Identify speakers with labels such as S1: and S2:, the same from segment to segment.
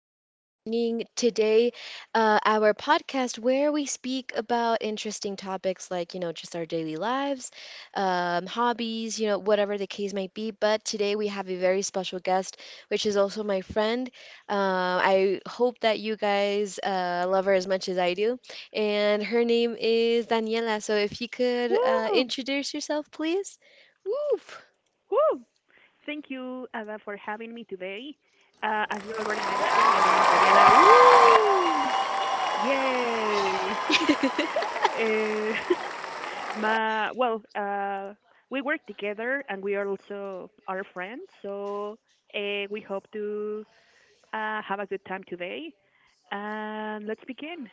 S1: much for joining today, our podcast where we speak about interesting topics, like, you know, just our daily lives, hobbies, you know, whatever the case might be. But today we have a very special guest, which is also my friend. I hope that you guys love her as much as I do. And her name is Daniela. So if you could
S2: Woo!
S1: introduce yourself, please. Woo!
S2: Woo! Thank you, Ada, for having me today. As you already mentioned, my name is Daniela. Woo! Yay! Eh, my, well, uh, we work together and we are also our friends, so we hope to have a good time today. And let's begin.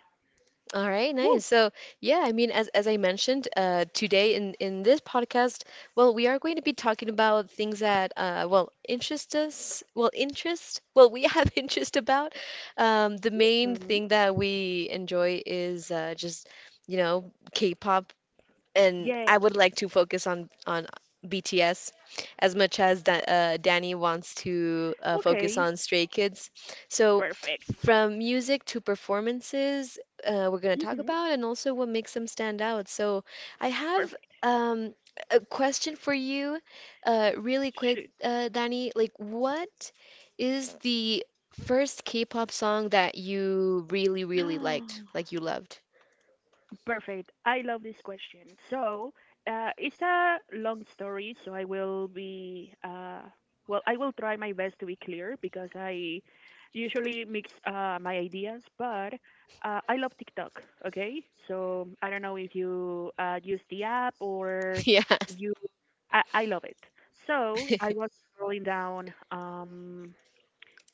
S1: All right,
S2: Woo!
S1: nice. So, yeah, I mean, as I mentioned, today in this podcast, well, we are going to be talking about things that, well, interest us, well, interest, well, we have interest about. The main
S2: Hmm.
S1: thing that we enjoy is just, you know, K-pop, and
S2: Yeah.
S1: I would like to focus on BTS as much as da Danny wants to focus
S2: Okay.
S1: on Stray Kids. So
S2: Perfect.
S1: from music to performances, we're gonna talk
S2: Hmm.
S1: about, and also what makes them stand out. So I have
S2: Perfect.
S1: um, a question for you, really quick, Danny. Like, what is the first K-pop song that you really, really liked,
S2: Shoot.
S1: like, you loved?
S2: Perfect. I love this question. So, it's a long story, so I will be, I will try my best to be clear because I usually mix my ideas, but I love TikTok, okay? So, I don't know if you use the app or you, I love it. So, I was scrolling down um,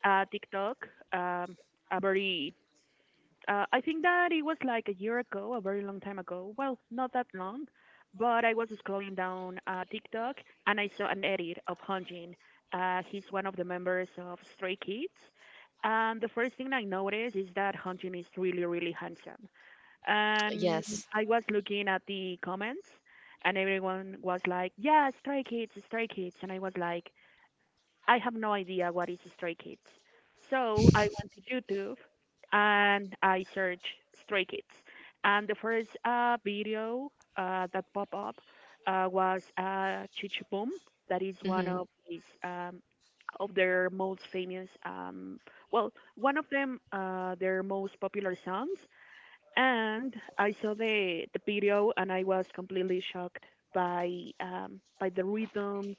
S2: TikTok, um, a very I think that it was like a year ago, a very long time ago. Well, not that long, but I was scrolling down TikTok and I saw an edit of Hunjin. He's one of the members of Stray Kids, and the first thing I noticed is that Hunjin is really, really handsome. And
S1: Yes.
S2: I
S1: Yes.
S2: was looking at the comments, and everyone was like, "Yeah, Stray Kids, Stray Kids," and I was like, I have no idea what is Stray Kids. So I went to YouTube and I searched Stray Kids. And the first video that popped up was Chichi Boom. That is one of his of their most famous, one of them, their most popular songs. And I saw the video and I was completely shocked by by the rhythm,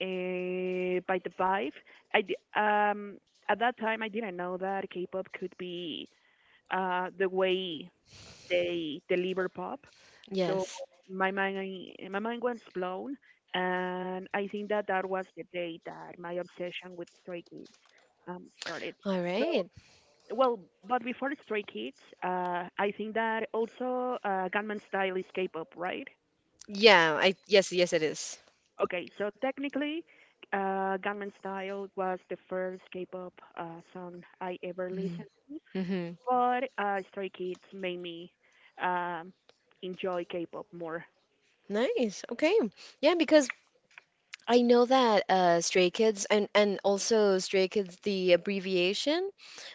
S2: by the vibe. I di- um at that time I didn't know that K-pop could be the way they deliver pop. So
S1: Yes.
S2: my mind was blown and I think that that was the day that my obsession with Stray Kids started.
S1: All
S2: So
S1: right.
S2: well, but before Stray Kids, I think that also Gunman Style is K-pop, right?
S1: Yeah, I yes, yes it is.
S2: Okay, so technically, Gunman Style was the first K-pop song I ever listened
S1: Mhm.
S2: to,
S1: Mm-hmm.
S2: but Stray Kids made me um, enjoy K-pop more.
S1: Nice. Okay. Yeah, because I know that Stray Kids, and also Stray Kids, the abbreviation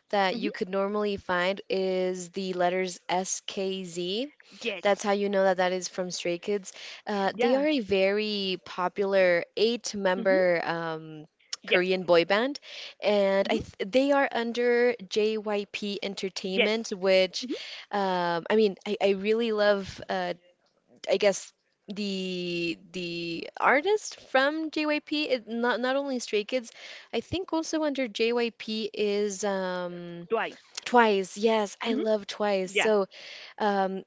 S1: that
S2: Hmm.
S1: you could normally find, is the letters SKZ.
S2: Yes.
S1: That's how you know that that is from Stray Kids. They
S2: Yeah.
S1: are a very popular
S2: Hmm.
S1: eight-member
S2: Yes.
S1: Korean boy band, and I
S2: Hmm.
S1: th they are under JYP
S2: Yes.
S1: Entertainment, which,
S2: Hmm.
S1: I mean, I really love. I guess the artist from JYP. It, not only Stray Kids, I think also under JYP is,
S2: Twice.
S1: Twice. Yes, I
S2: Hmm.
S1: love Twice.
S2: Yeah,
S1: So. Um,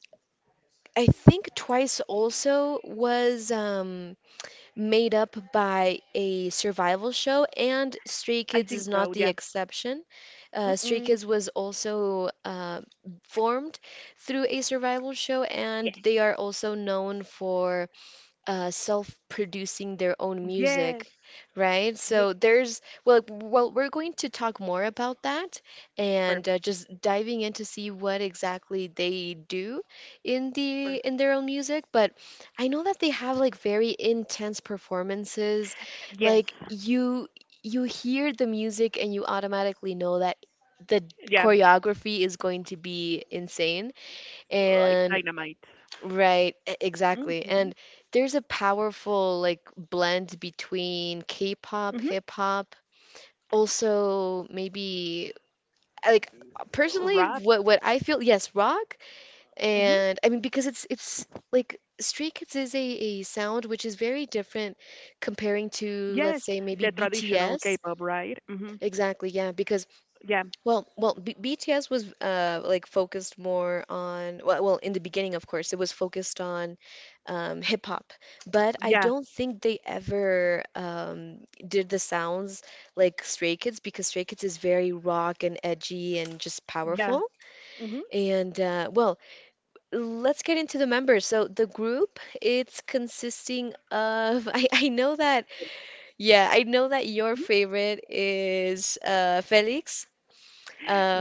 S1: I think Twice also was, made up by a survival show, and Stray
S2: I
S1: Kids
S2: think
S1: is not
S2: so.
S1: the
S2: Yeah.
S1: exception. Stray
S2: Mm-mm.
S1: Kids was also formed through a survival show, and
S2: Yes.
S1: they are also known for self-producing their own
S2: Yes.
S1: music, right?
S2: Yes.
S1: So there's well, well, we're going to talk more about that and
S2: Perfect.
S1: just diving in to see what exactly they do in their own music. But I know that they have like very intense performances.
S2: Yes.
S1: Like, you hear the music and you automatically know that the
S2: Yeah,
S1: choreography is going to be insane.
S2: like
S1: And.
S2: dynamite.
S1: Right, e- exactly.
S2: Mhm.
S1: And there's a powerful like blend between K-pop,
S2: Mhm.
S1: hip hop, also maybe, like personally
S2: Rap.
S1: what I feel, yes, rock.
S2: Mhm.
S1: And I mean, because it's like Stray Kids is a sound which is very different comparing to
S2: Yes,
S1: let's say maybe
S2: the traditional
S1: BTS.
S2: K-pop, right? Mhm.
S1: Exactly, yeah, because
S2: Yeah.
S1: well, well, B BTS was like focused more on well, well, in the beginning, of course, it was focused on, hip hop, but I
S2: Yeah.
S1: don't think they ever did the sounds like Stray Kids, because Stray Kids is very rock and edgy and just powerful.
S2: Yeah. Mhm.
S1: And well, let's get into the members. So the group, it's consisting of I know that yeah, I know that your
S2: Mhm.
S1: favorite is Felix.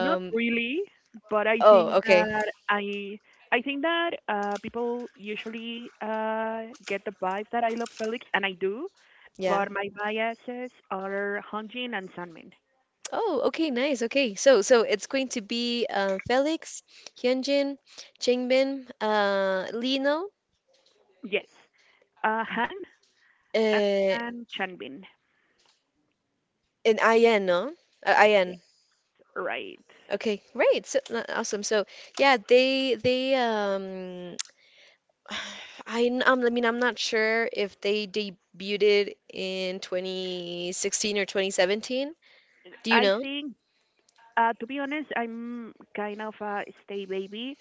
S2: Not really, but I
S1: oh,
S2: think
S1: okay,
S2: that I think that people usually get the vibe that I love Felix and I do,
S1: yeah.
S2: but my biases are Hanjin and Sunmin.
S1: Oh, okay, nice. Okay, so so it's going to be, Felix, Hyunjin, Jingbin, Lino,
S2: Yes. Han
S1: and
S2: and Chanbin.
S1: Ian, no?
S2: Yes,
S1: Ian.
S2: right.
S1: Okay, great. So, awesome. So yeah, they, I mean I'm not sure if they debuted in 2016 or 2017. Do you
S2: I
S1: know?
S2: think, to be honest, I'm kind of a stay baby,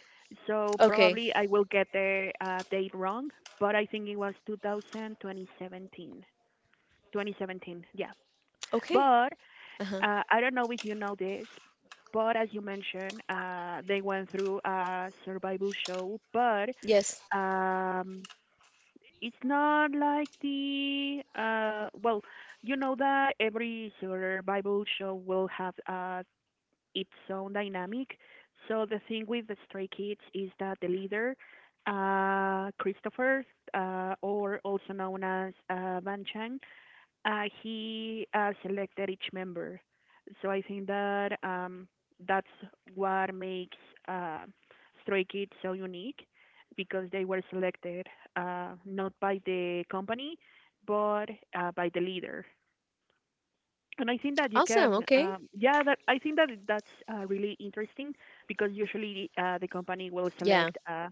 S2: so
S1: Okay.
S2: probably I will get the date wrong, but I think it was 2000, 2017. 2017, yeah.
S1: Okay.
S2: But
S1: Uh-huh.
S2: I don't know if you know this, but as you mentioned, they went through a survival show, but
S1: Yes.
S2: um, it's not like you know that every survival show will have its own dynamic. So the thing with the Stray Kids is that the leader, Christopher, or also known as Van Chang, he selected each member. So I think that that's what makes uh, Stray Kids so unique because they were selected not by the company but by the leader and I think that
S1: Awesome. Okay.
S2: I think that that's really interesting because usually the company will
S1: Yeah.
S2: select uh,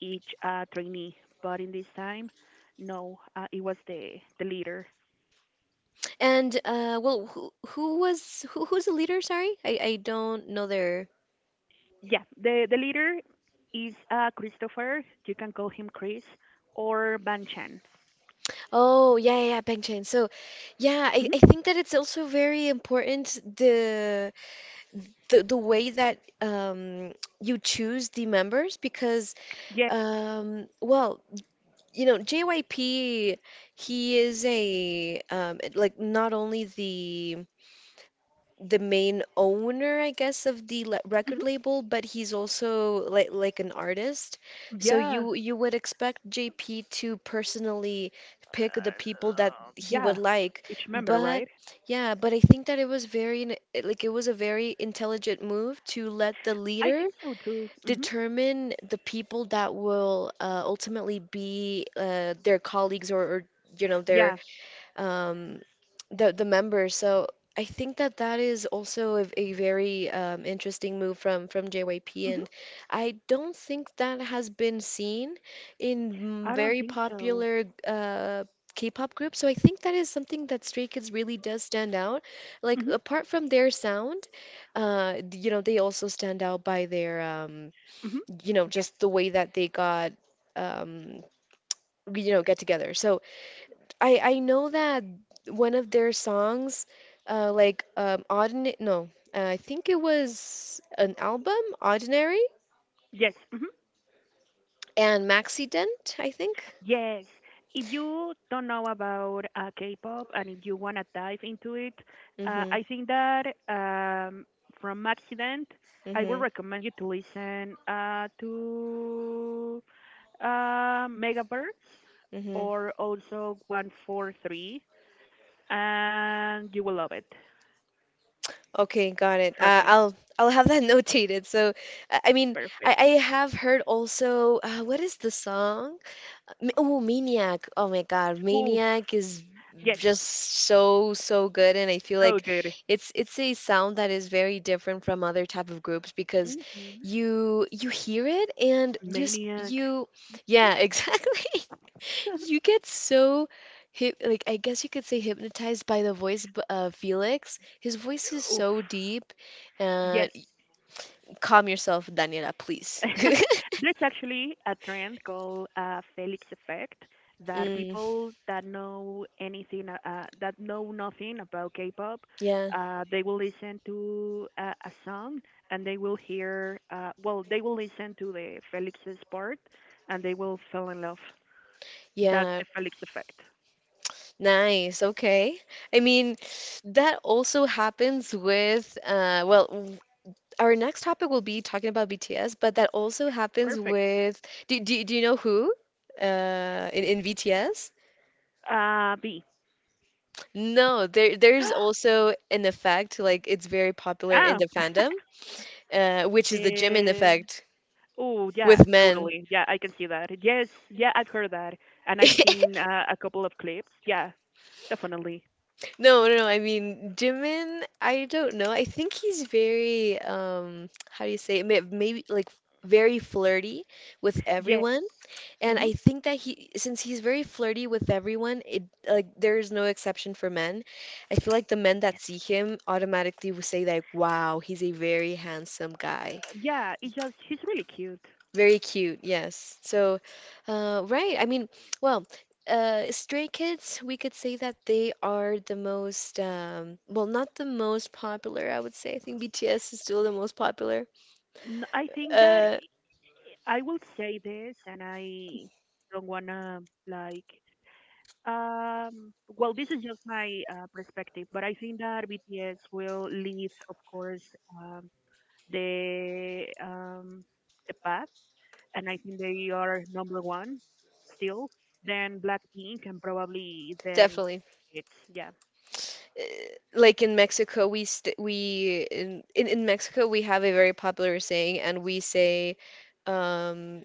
S2: each uh, trainee, but in this time, no, it was the leader.
S1: And well, who was who's the leader? Sorry, I don't know their.
S2: Yeah, the leader is Christopher. You can call him Chris or Ban Chan.
S1: Oh yeah yeah yeah, Bang Chan. So yeah,
S2: hmm
S1: I think that it's also very important the the way that you choose the members because,
S2: Yeah,
S1: um, well, you know, JYP, he is a like not only the main owner, I guess, of the le record
S2: hmm
S1: label, but he's also like an artist. So
S2: yeah,
S1: you would expect JP to personally pick the people that
S2: uh,
S1: he
S2: yeah.
S1: would like.
S2: Each member, right?
S1: But yeah, but I think that it was like it was a very intelligent move to let the
S2: I
S1: leader
S2: think so too. Hmm.
S1: determine the people that will ultimately be their colleagues, or, you know,
S2: Yeah.
S1: their, um, the members. So I think that that is also a very, interesting move from JYP,
S2: Hmm.
S1: and I don't think that has been seen in, mm,
S2: I don't
S1: very
S2: think so.
S1: popular, K-pop groups. So I think that is something that Stray Kids really does stand out. Like,
S2: Hmm.
S1: apart from their sound, you know, they also stand out by their,
S2: Hmm.
S1: you know, just the way that they got, um, you know, get together. So I know that one of their songs, like, Ordinary, no, I think it was an album, Ordinary
S2: Yes. Mhm.
S1: and Maxident, I think.
S2: Yes. If you don't know about K-pop and if you want to dive into it,
S1: Mm-hmm.
S2: I think that from Accident, I would
S1: Mm-hmm.
S2: recommend you to listen to Megaverse
S1: Mm-hmm.
S2: or also 143, and you will love it.
S1: Okay, got it.
S2: Trust me.
S1: I'll have that notated. So, I mean,
S2: Perfect.
S1: I have heard also, what is the song? Oh, Maniac. Oh my God,
S2: Oof.
S1: Maniac is
S2: Yes.
S1: just so so good, and I feel
S2: So
S1: like
S2: good.
S1: it's a sound that is very different from other type of groups, because
S2: Hmm.
S1: you hear it and
S2: Maniac.
S1: you yeah, exactly. You get so hip like I guess you could say hypnotized by the of Felix. His voice is
S2: Oof.
S1: so deep. Uh,
S2: Yes.
S1: calm yourself, Daniela, please.
S2: There's actually a trend called Felix effect that
S1: Mm,
S2: people that know anything that know nothing about K-pop,
S1: yeah.
S2: they will listen to a song and they will hear they will listen to the Felix's part and they will fall in love. That's
S1: Yeah.
S2: the Felix effect.
S1: Nice, okay. I mean, that also happens with, well, our next topic will be talking about BTS, but that also happens
S2: Perfect.
S1: with, do you know who? In BTS?
S2: B.
S1: No, there there's also an effect, like, it's very popular in
S2: Oh.
S1: the fandom, which is the Jimin
S2: uh,
S1: effect
S2: Oh, yeah,
S1: with men.
S2: totally. Yeah, I can see that. Yes, yeah, I've heard that, and I've seen a couple of clips. Yeah, definitely.
S1: No, no, no. I mean, Jimin, I don't know. I think he's very, how do you say it? Maybe like very flirty with
S2: Yeah,
S1: everyone. And
S2: hmm uh,
S1: I think that he, since he's very flirty with everyone, it like there is no exception for men. I feel like the men that see him automatically will say like, "Wow, he's a very handsome guy."
S2: yeah. It's just he's really cute.
S1: Very cute, yes. So, right. I mean, well, Stray Kids, we could say that they are the most, well, not the most popular, I would say. I think BTS is still the most popular.
S2: I think that
S1: Uh,
S2: I will say this, and I don't wanna like. Well, this is just my perspective, but I think that BTS will lead, of course, um, the um, the path and I think they are number one still. Then Blackpink and probably then
S1: definitely.
S2: it's yeah.
S1: Uh, Like in Mexico, we in, in Mexico we have a very popular saying, and we say, um,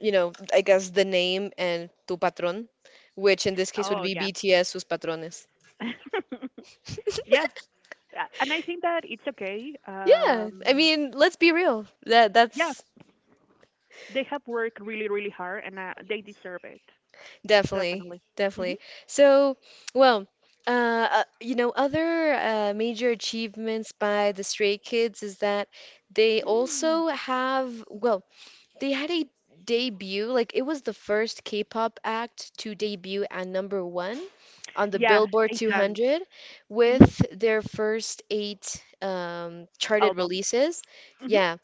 S1: you know, I guess the name and tu patrón, which in this case would
S2: Oh
S1: be
S2: yeah,
S1: BTS sus patrones.
S2: yeah. And I think that it's okay.
S1: Yeah, I mean, let's be real. That
S2: Yeah,
S1: that's
S2: they have worked really really hard and they deserve it
S1: definitely
S2: definitely. Hmm.
S1: definitely. So, well, you know, other, major achievements by the Stray Kids is that they
S2: Mm.
S1: also have, well, they had a debut, like, it was the first K-pop act to debut at number one on the
S2: Yeah,
S1: Billboard
S2: eight times.
S1: 200
S2: Hmm.
S1: with their first eight, charted
S2: Albums.
S1: releases.
S2: Hmm.
S1: Yeah.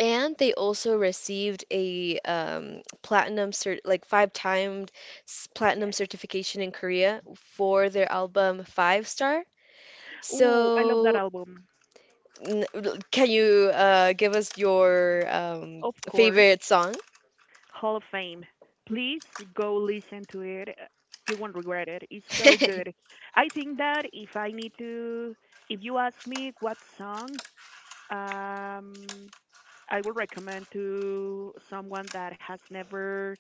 S1: And they also received a, platinum cert like five timed platinum
S2: Yes.
S1: certification in Korea for their album Five Star.
S2: Oh, I love that
S1: So,
S2: album.
S1: can you give us your,
S2: Of course.
S1: favorite song?
S2: Hall of Fame. Please go listen to it. You won't regret it. It's so good. I think that if I need to, if you ask me what song, um, I will recommend to someone that has never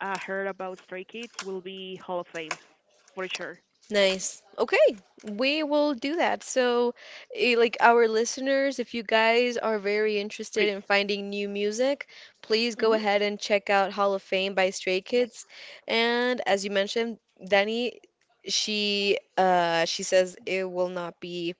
S2: heard about Stray Kids will be Hall of Fame for sure.
S1: Nice. Okay, we will do that. So, eh, like, our listeners, if you guys are very interested
S2: Please.
S1: in finding new music, please go
S2: Mhm.
S1: ahead and check out Hall of Fame by Stray
S2: Yes.
S1: Kids. And as you mentioned, Danny, she says it will not be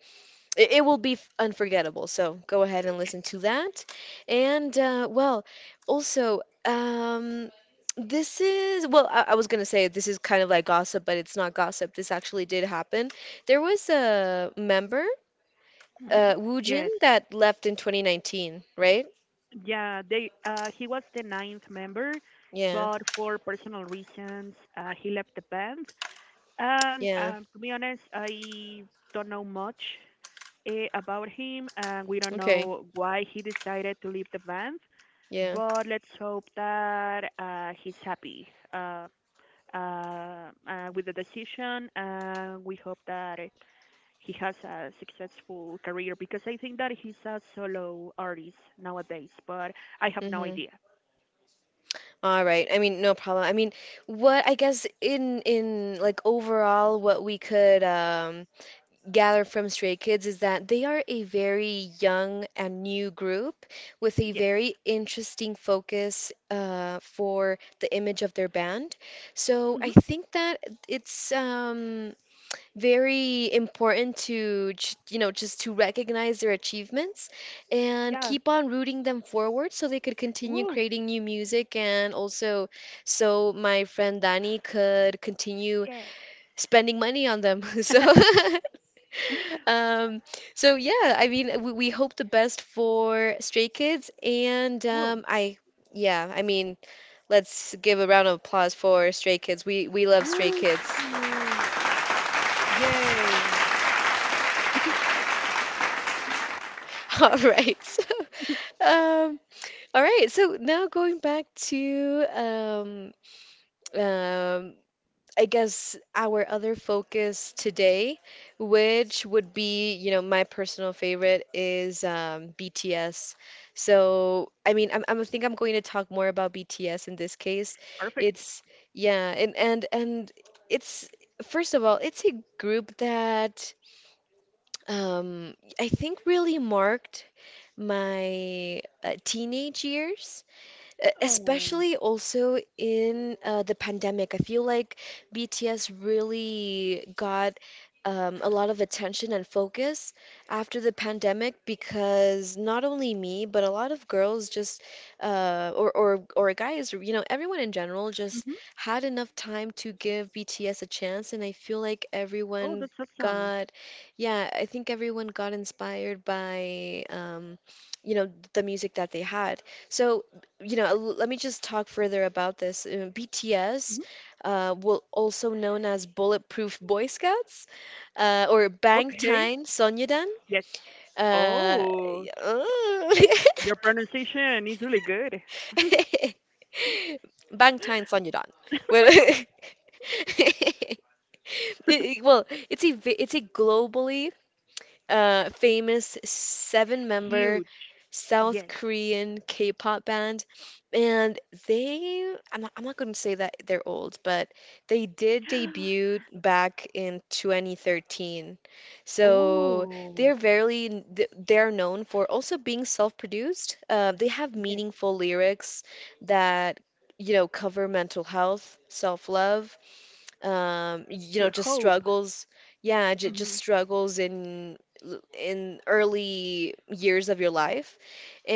S1: it will be unforgettable. So go ahead and listen to that. And well, also, this is well, I was gonna say this is kind of like gossip, but it's not gossip. This actually did happen. There was a member,
S2: Mhm.
S1: Woo Jin,
S2: Yes.
S1: that left in 2019, right?
S2: Yeah, they he was the ninth member,
S1: Yeah,
S2: but for personal reasons, he left the band. And
S1: yeah,
S2: to be honest, I don't know much about him, and we don't
S1: okay,
S2: know why he decided to leave the band.
S1: yeah.
S2: But let's hope that he's happy uh, uh, with the decision, and we hope that he has a successful career because I think that he's a solo artist nowadays. But I have no
S1: Mm-hmm.
S2: idea.
S1: All right. I mean, no problem. I mean, what I guess in like overall, what we could, um, gather from Stray Kids is that they are a very young and new group with a
S2: Yes.
S1: very interesting focus, for the image of their band. So I
S2: Hmm.
S1: think that it's, very important to, you know, just to recognize their achievements and
S2: Yeah.
S1: keep on rooting them forward so they could continue
S2: Woo.
S1: creating new music, and also so my friend Danny could continue
S2: Yeah.
S1: spending money on them. So. Um, so yeah, I mean, we hope the best for Stray Kids, and
S2: Woo.
S1: I, yeah, I mean, let's give a round of applause for Stray Kids. We love Stray Kids.
S2: Woo. Yay.
S1: All right. So, um, all right. So now going back to, um, I guess our other focus today, which would be, you know, my personal favorite is, BTS. So, I mean, I think I'm going to talk more about BTS in this case.
S2: Perfect.
S1: It's, yeah, and it's first of all, it's a group that I think really marked my teenage years.
S2: Oh.
S1: Especially also in the pandemic, I feel like BTS really got a lot of attention and focus after the pandemic, because not only me, but a lot of girls just or guys, you know, everyone in general just
S2: Mhm.
S1: had enough time to give BTS a chance. And I feel like
S2: Oh, that's awesome.
S1: got, yeah, I think everyone got inspired by you know, the music that they had. So let me just talk further about this. BTS,
S2: Mhm.
S1: well, also known as Bulletproof Boy Scouts, or
S2: Okay.
S1: Bangtan Sonyedan.
S2: Yes.
S1: Uh,
S2: Oh, your pronunciation is really good.
S1: Bangtan Sonyedan. Well, it's it's a globally famous
S2: Huge.
S1: seven-member
S2: Yes.
S1: South Korean K-pop band. And they I'm not going to say that they're old, but they did debut back in 2013. So they're
S2: Ooh.
S1: very they're known for also being self-produced. They have
S2: Yes.
S1: meaningful lyrics that, you know, cover mental health, self-love, you know, just
S2: Hope.
S1: struggles yeah j
S2: Mhm.
S1: just struggles in in early years of your life,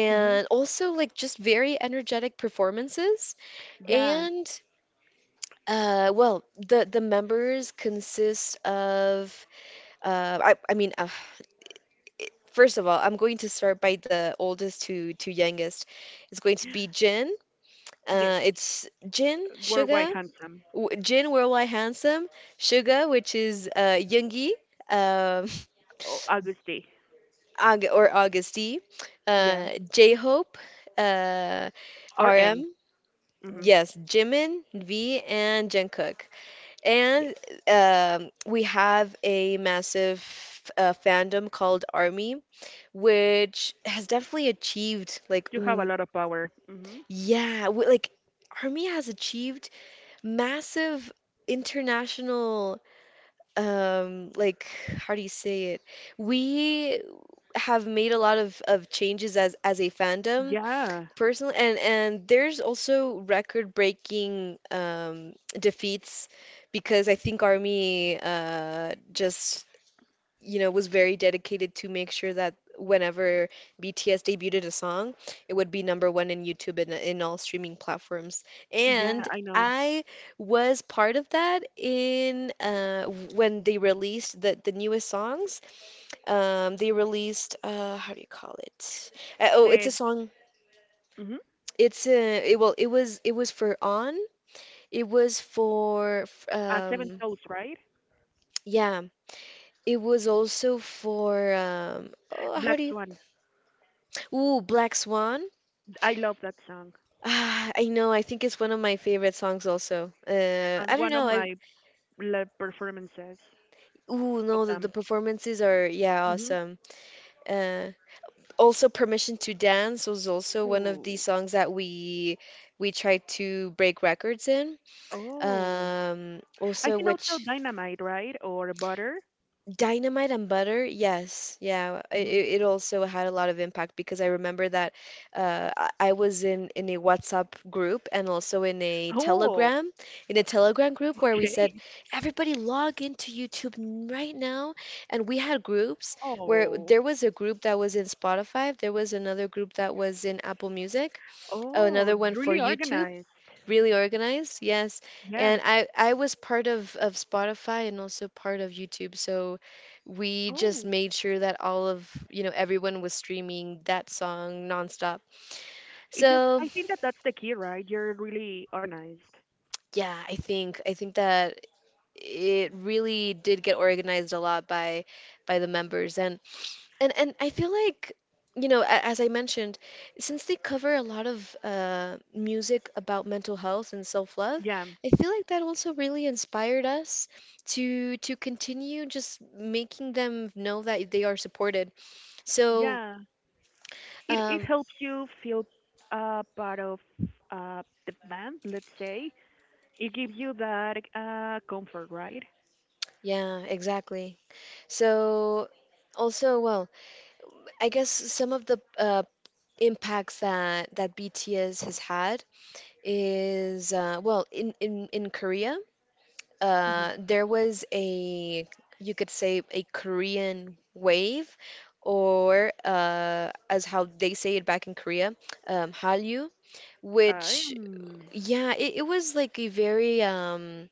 S2: Mhm.
S1: also, like, just very energetic performances.
S2: Yeah.
S1: And well, the members consist of uh I I mean uh, first of all, I'm going to start by the oldest to youngest. It's going to be
S2: Yes.
S1: Jin,
S2: Worldwide
S1: Suga.
S2: handsome.
S1: Jin, Where I Handsome? Suga, which is Yoongi, um,
S2: Oh, Auguste.
S1: Aug or Augusty,
S2: Yeah.
S1: J-Hope, uh,
S2: RM.
S1: RM,
S2: Mhm.
S1: yes, Jimin, V, and Jungkook.
S2: Yes.
S1: And we have a massive fandom called ARMY, which has definitely achieved, like,
S2: You have a lot of power. Mhm.
S1: yeah, w- like ARMY has achieved massive international like how do you say it we have made a lot of changes as a fandom
S2: Yeah.
S1: personally. And there's also record breaking defeats, because I think ARMY just, you know, was very dedicated to make sure that whenever BTS debuted a song, it would be number one in YouTube and in all streaming platforms.
S2: Yeah,
S1: And
S2: I know.
S1: I was part of that in when they released the newest songs. They released, how do you call it? Oh,
S2: That.
S1: it's a song.
S2: Mhm.
S1: It was for On. It was for
S2: Seven souls, right?
S1: yeah. It was also for um oh, how
S2: Black
S1: do you
S2: Swan.
S1: ooh, Black Swan.
S2: I love that song,
S1: Ah, I know. I think it's one of my favorite songs also.
S2: and
S1: I don't
S2: one of
S1: know. I
S2: my live performances
S1: ooh,
S2: of
S1: no, the
S2: them.
S1: performances are, yeah,
S2: Hmm.
S1: awesome. Uh, Also, Permission to Dance was also one of the
S2: Ooh.
S1: songs that we tried to break records in.
S2: Oh,
S1: Also
S2: I think
S1: which
S2: also Dynamite, right? Or Butter.
S1: Dynamite and Butter, yes, yeah,
S2: Hmm.
S1: it also had a lot of impact, because I remember that I was in a WhatsApp group and also
S2: Oh,
S1: In a Telegram group, where we
S2: okay.
S1: said everybody log into YouTube right now. And we had groups where
S2: Oh,
S1: there was a group that was in Spotify, there was another group that was in Apple Music,
S2: oh,
S1: another one for
S2: really
S1: YouTube.
S2: organized.
S1: Really organized, yes.
S2: Yeah.
S1: And I was part of Spotify and also part of YouTube. So we just
S2: Oh,
S1: made sure that all of, you know, everyone was streaming that song nonstop.
S2: it just,
S1: So,
S2: I think that that's the key, right? You're really organized.
S1: yeah, I think that it really did get organized a lot by the members. And I feel like, you know, as I mentioned, since they cover a lot of music about mental health and self-love,
S2: Yeah.
S1: I feel like that also really inspired us to continue just making them know that they are supported. So,
S2: Yeah. It
S1: um,
S2: helps you feel part of the band, let's say, it gives you that comfort, right?
S1: yeah, exactly. So, also, well, I guess some of the impacts that BTS has had is, well, in in Korea,
S2: Hmm.
S1: there was a, you could say, a Korean wave, or as how they say it back in Korea, Hallyu,
S2: I
S1: which,
S2: am.
S1: yeah, it was like a very,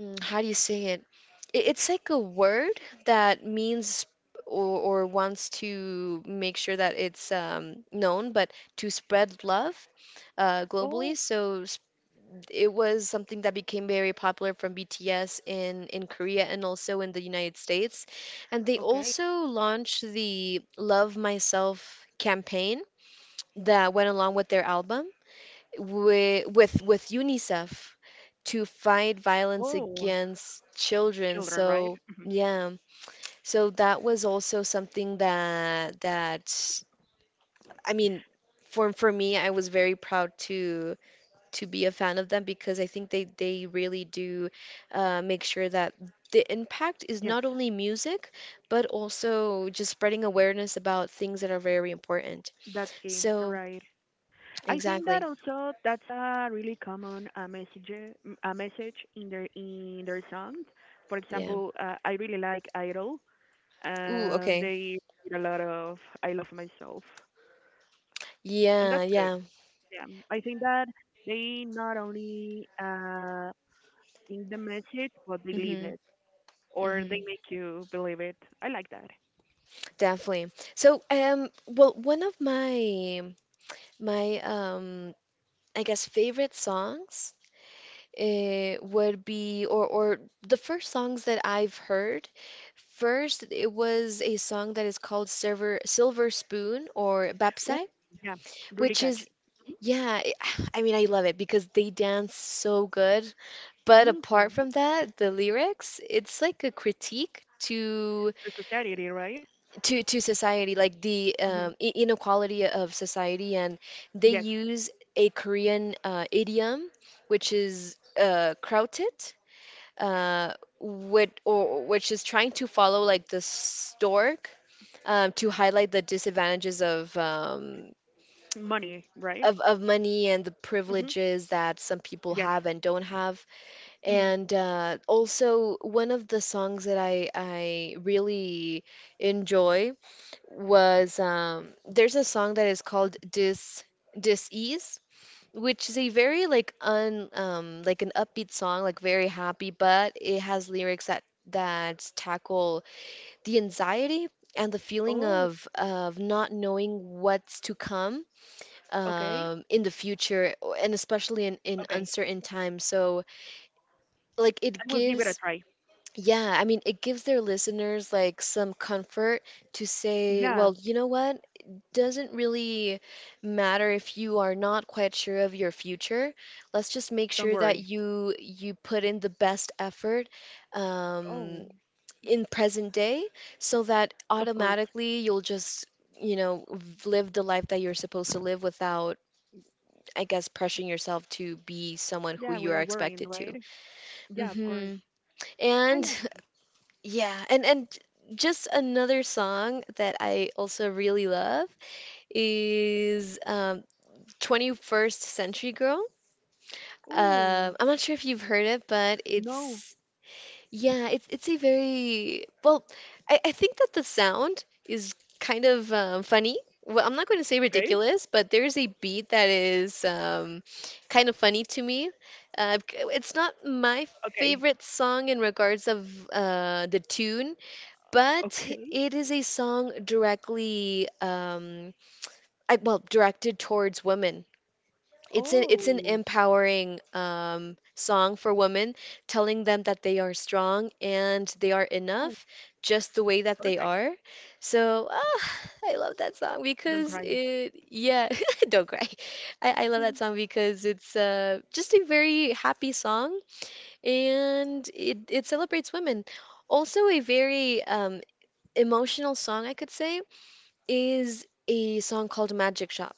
S1: mm, how do you say it? it? It's like a word that means or wants to make sure that it's known, but to spread love globally.
S2: Oh,
S1: So it was something that became very popular from BTS in Korea and also in the United States. And they
S2: okay.
S1: also launched the Love Myself campaign that went along with their album, with with UNICEF, to fight violence
S2: Oh,
S1: against children.
S2: children, right?
S1: So,
S2: Hmm.
S1: yeah, so that was also something that I mean, for me, I was very proud to be a fan of them, because I think they really do make sure that the impact is
S2: Yes,
S1: not only music, but also just spreading awareness about things that are very important.
S2: that's key,
S1: So
S2: right? I think that
S1: exactly,
S2: also that's a really common a message in their sound. For
S1: yeah.
S2: example, I really like Idol,
S1: Ooh,
S2: and
S1: okay.
S2: they did a lot of "I love myself," and that's
S1: Yeah,
S2: good.
S1: yeah.
S2: Yeah, I think that they not only in the message, but they live it.
S1: Mhm.
S2: Or they
S1: Mhm.
S2: make you believe it. I like that.
S1: Definitely. So, well, one of my my I guess favorite songs. It would be or The first songs that I've heard. First, it was a song that is called Silver Spoon or
S2: Ooh,
S1: Bapsai,
S2: yeah, really
S1: which is,
S2: catchy.
S1: yeah, I I love it because they dance so good. But
S2: Hmm
S1: apart
S2: The
S1: from that, the lyrics, it's like a critique to
S2: Society, right?
S1: society, like the
S2: Hmm.
S1: inequality of society. And they
S2: Yes.
S1: use a Korean idiom, which is krautit, uh, which is trying to follow, like, the stork, to highlight the disadvantages
S2: Money, right?
S1: of money and the
S2: Hmm.
S1: privileges that some people
S2: Yes.
S1: have and don't have.
S2: Hmm.
S1: And also one of the songs that I really enjoy was, there's a song that is called Dis Ease, which is a very, like, an upbeat song, like very happy, but it has lyrics that tackle the anxiety and the feeling
S2: Oh,
S1: of not knowing what's to come
S2: okay.
S1: in the future, and especially in
S2: Okay.
S1: uncertain times. So, like
S2: I
S1: it
S2: will give it a
S1: gives
S2: try.
S1: yeah, it gives their listeners, like, some comfort to say,
S2: Yeah,
S1: well, you know what? It doesn't really matter if you are not quite sure of your future. Let's just make
S2: don't
S1: sure that
S2: worry.
S1: you put in the best effort, um,
S2: Oh,
S1: in present day, so that
S2: of course.
S1: automatically you'll just, you know, live the life that you're supposed to live without, I guess, pressuring yourself to be someone who
S2: Yeah,
S1: you are
S2: without worrying,
S1: expected
S2: right?
S1: to.
S2: Yeah, of course.
S1: Hmm
S2: I
S1: And
S2: like that.
S1: yeah, just another song that I also really love is, 21st Century Girl.
S2: Oh,
S1: I'm not sure if you've heard it, but
S2: no.
S1: it's, yeah, it's a very, well, I think that the sound is kind of, funny. Well, I'm not going to say
S2: Okay.
S1: ridiculous, but there's a beat that is, kind of funny to me. It's not my
S2: Okay.
S1: favorite song in regards of the tune, but
S2: Okay.
S1: it is a song directly I, well directed towards women. It's an
S2: Oh,
S1: empowering song for women, telling them that they are strong and they are
S2: oh,
S1: enough just the way that they
S2: perfect.
S1: are. So ah, I love that song
S2: Don't
S1: because
S2: cry.
S1: it yeah, don't cry. I love that song because it's just a very happy song, and it celebrates women. Also a very emotional song, I could say, is a song called Magic Shop,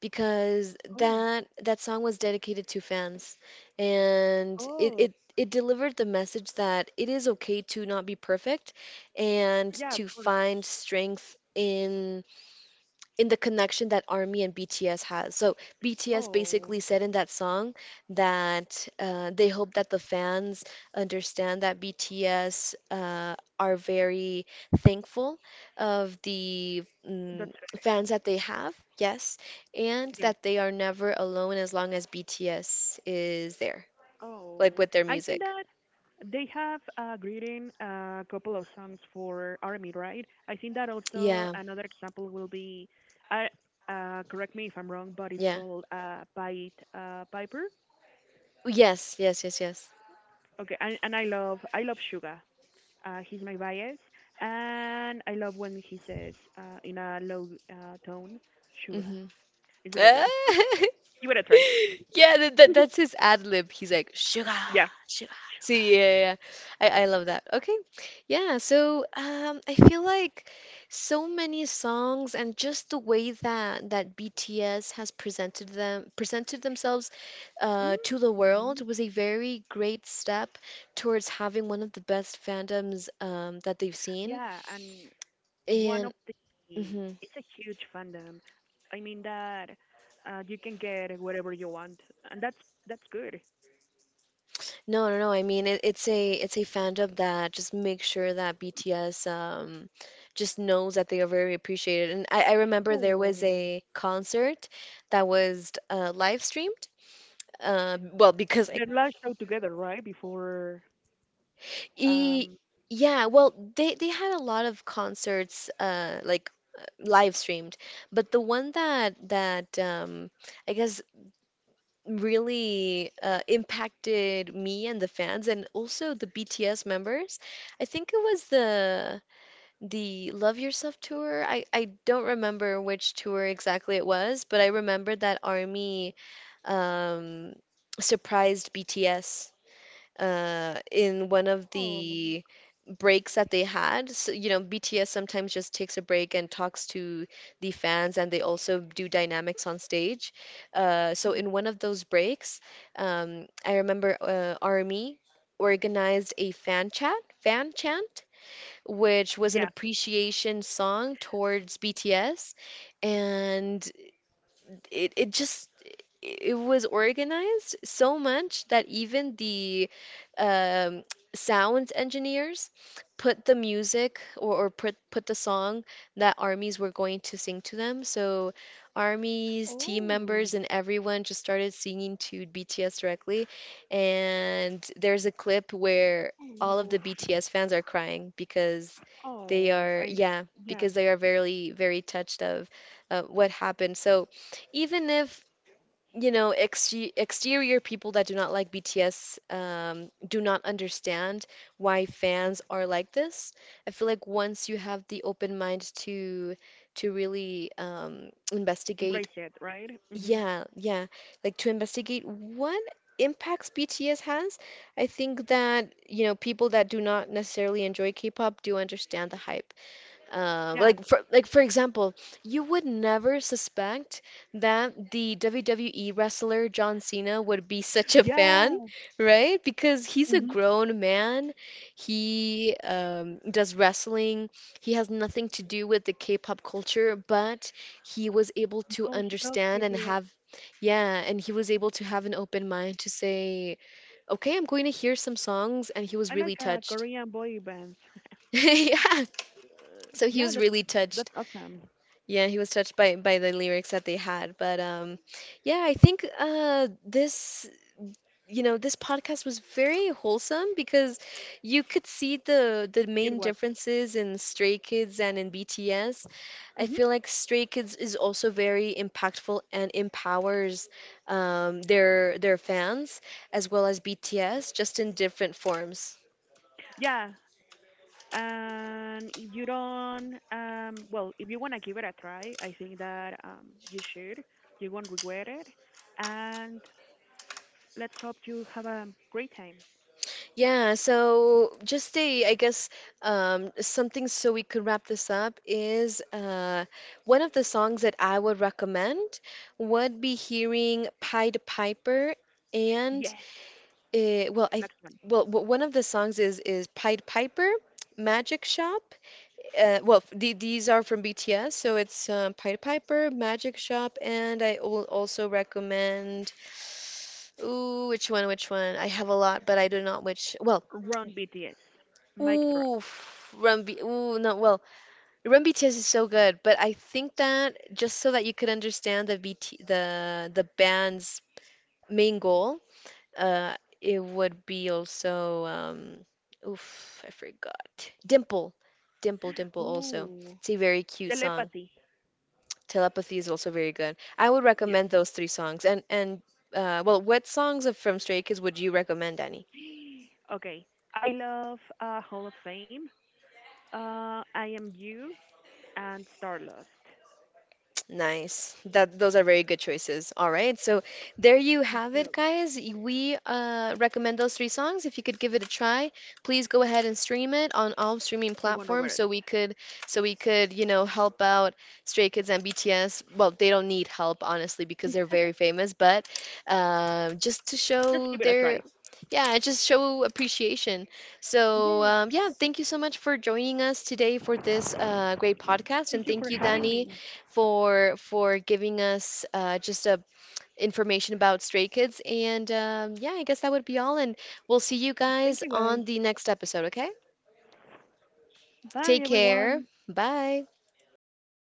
S1: because
S2: oh,
S1: that song was dedicated to fans, and it,
S2: oh,
S1: it it delivered the message that it is okay to not be perfect and
S2: yeah, of
S1: to
S2: course.
S1: find strength in the connection that Army and BTS has. So BTS
S2: Oh,
S1: basically said in that song that, they hope that the fans understand that BTS, are very thankful of the
S2: that's
S1: mm,
S2: right.
S1: fans that they have, yes, and
S2: Yeah.
S1: that they are never alone as long as BTS is there, like
S2: Oh,
S1: with their
S2: I think
S1: music.
S2: that they have written a couple of songs for Army, right? I think that also
S1: Yeah,
S2: another example will be, uh, correct me if I'm wrong, but it's
S1: yeah.
S2: called Bite Piper.
S1: Yes, yes, yes, yes.
S2: Okay, and I love Suga. He's my bias, and I love when he says in a low tone, Suga.
S1: hmm
S2: It's really good. You better try.
S1: Yeah, that's his ad lib. He's like, sugar,
S2: Yeah.
S1: sugar. See, yeah, yeah. Yeah. I love that. Okay. Yeah, so, I feel like so many songs, and just the way that that BTS has presented them presented themselves
S2: Suga.
S1: to the
S2: Mhm.
S1: world was a very great step towards having one of the best fandoms that they've seen.
S2: Yeah, and one of
S1: And
S2: the
S1: mhm.
S2: it's a huge fandom. I mean that you can get whatever you want, and that's good.
S1: No, no, no. I mean, it, it's a fandom that just makes sure that BTS just knows that they are very appreciated. And I remember there was
S2: Oh,
S1: a concert that was, live streamed. Uh, well, because I,
S2: they launched out together, right? Before
S1: e,
S2: um.
S1: yeah, well, they had a lot of concerts, live streamed, but the one that I guess really, impacted me and the fans and also the BTS members. I think it was the Love Yourself tour. I don't remember which tour exactly it was, but I remember that ARMY, um, surprised BTS, in one of
S2: Oh.
S1: the breaks that they had. So, you know, BTS sometimes just takes a break and talks to the fans, and they also do dynamics on stage.
S2: Mhm.
S1: In one of those breaks, I remember Army organized a fan chant, which was an
S2: Yeah.
S1: appreciation song towards BTS, and it it just it was organized so much that even the um, sound engineers put the music or put the song that armies were going to sing to them. So armies, team members,
S2: Oh.
S1: and everyone just started singing to BTS directly. And there's a clip where all of the
S2: Oh.
S1: BTS fans are crying because they
S2: Oh.
S1: are,
S2: I'm.
S1: yeah,
S2: Yeah.
S1: because they are very, very touched of what happened. So even if, you know, exterior people that do not like BTS do not understand why fans are like this, I feel like once you have the open mind to really investigate,
S2: Embrace it, right? Hmm.
S1: yeah, yeah, like to investigate what impacts BTS has, I think that, you know, people that do not necessarily enjoy K-pop do understand the hype. Uh,
S2: Yeah.
S1: like for like for example, you would never suspect that the WWE wrestler John Cena would be such a fan,
S2: Yeah.
S1: right? Because he's a
S2: Hmm.
S1: grown man. He does wrestling. He has nothing to do with the K-pop culture, but he was able to
S2: No, he loves
S1: understand and
S2: BTS.
S1: have, yeah, and he was able to have an open mind to say, okay, I'm going to hear some songs, and he was
S2: I
S1: really
S2: like
S1: touched.
S2: Korean boy bands.
S1: Yeah, so he was
S2: yeah,
S1: really touched.
S2: that's awesome.
S1: Yeah, he was touched by the lyrics that they had. But yeah, I think this podcast was very wholesome because you could see the main
S2: It was.
S1: differences in Stray Kids and in BTS. I
S2: Hmm.
S1: feel like Stray Kids is also very impactful and empowers their fans as well as BTS just in different forms.
S2: Yeah. And if you don't, if you want to give it a try, I think that you should. You won't regret it. And let's hope you have a great time.
S1: Yeah, so just I guess, something so we could wrap this up is one of the songs that I would recommend would be hearing Pied Piper and
S2: Yes,
S1: uh, well, I
S2: next one.
S1: one of the songs is Pied Piper, Magic Shop. These are from BTS, so it's Pied Piper, Magic Shop, and I will also recommend. Ooh, which one? Which one? I have a lot, but I do not which. Well,
S2: Run BTS. Mic drop.
S1: ooh, ooh, no. Well, Run BTS is so good, but I think that just so that you could understand the BT the the band's main goal, uh, it would be also I forgot. Dimple. Also, it's a
S2: Ooh,
S1: very cute song.
S2: telepathy.
S1: Telepathy is also very good. I would recommend
S2: Yes.
S1: those three songs. And what songs of from Stray Kids would you recommend?
S2: Okay. I love Hall of Fame. I am you and Starlust.
S1: Nice. That those are very good choices. All right. So there you
S2: Thank
S1: have it,
S2: you.
S1: guys. We recommend those three songs. If you could give it a try, please go ahead and stream it on all streaming
S2: You won't
S1: platforms
S2: regret it.
S1: so we could, you know, help out Stray Kids and BTS. Well, they don't need help, honestly, because they're very famous, but just to show
S2: Just give it a
S1: their
S2: try.
S1: Yeah, just show appreciation. So,
S2: Yeah.
S1: yeah, thank you so much for joining us today for this great podcast. And
S2: Thank you
S1: thank you,
S2: for having
S1: Danny,
S2: me.
S1: for giving us just a information about Stray Kids. And yeah, I guess that would be all. And we'll see you guys
S2: Thank you
S1: on
S2: guys.
S1: the next episode. Okay, take
S2: Bye
S1: care.
S2: everyone.
S1: Bye.
S2: Bye.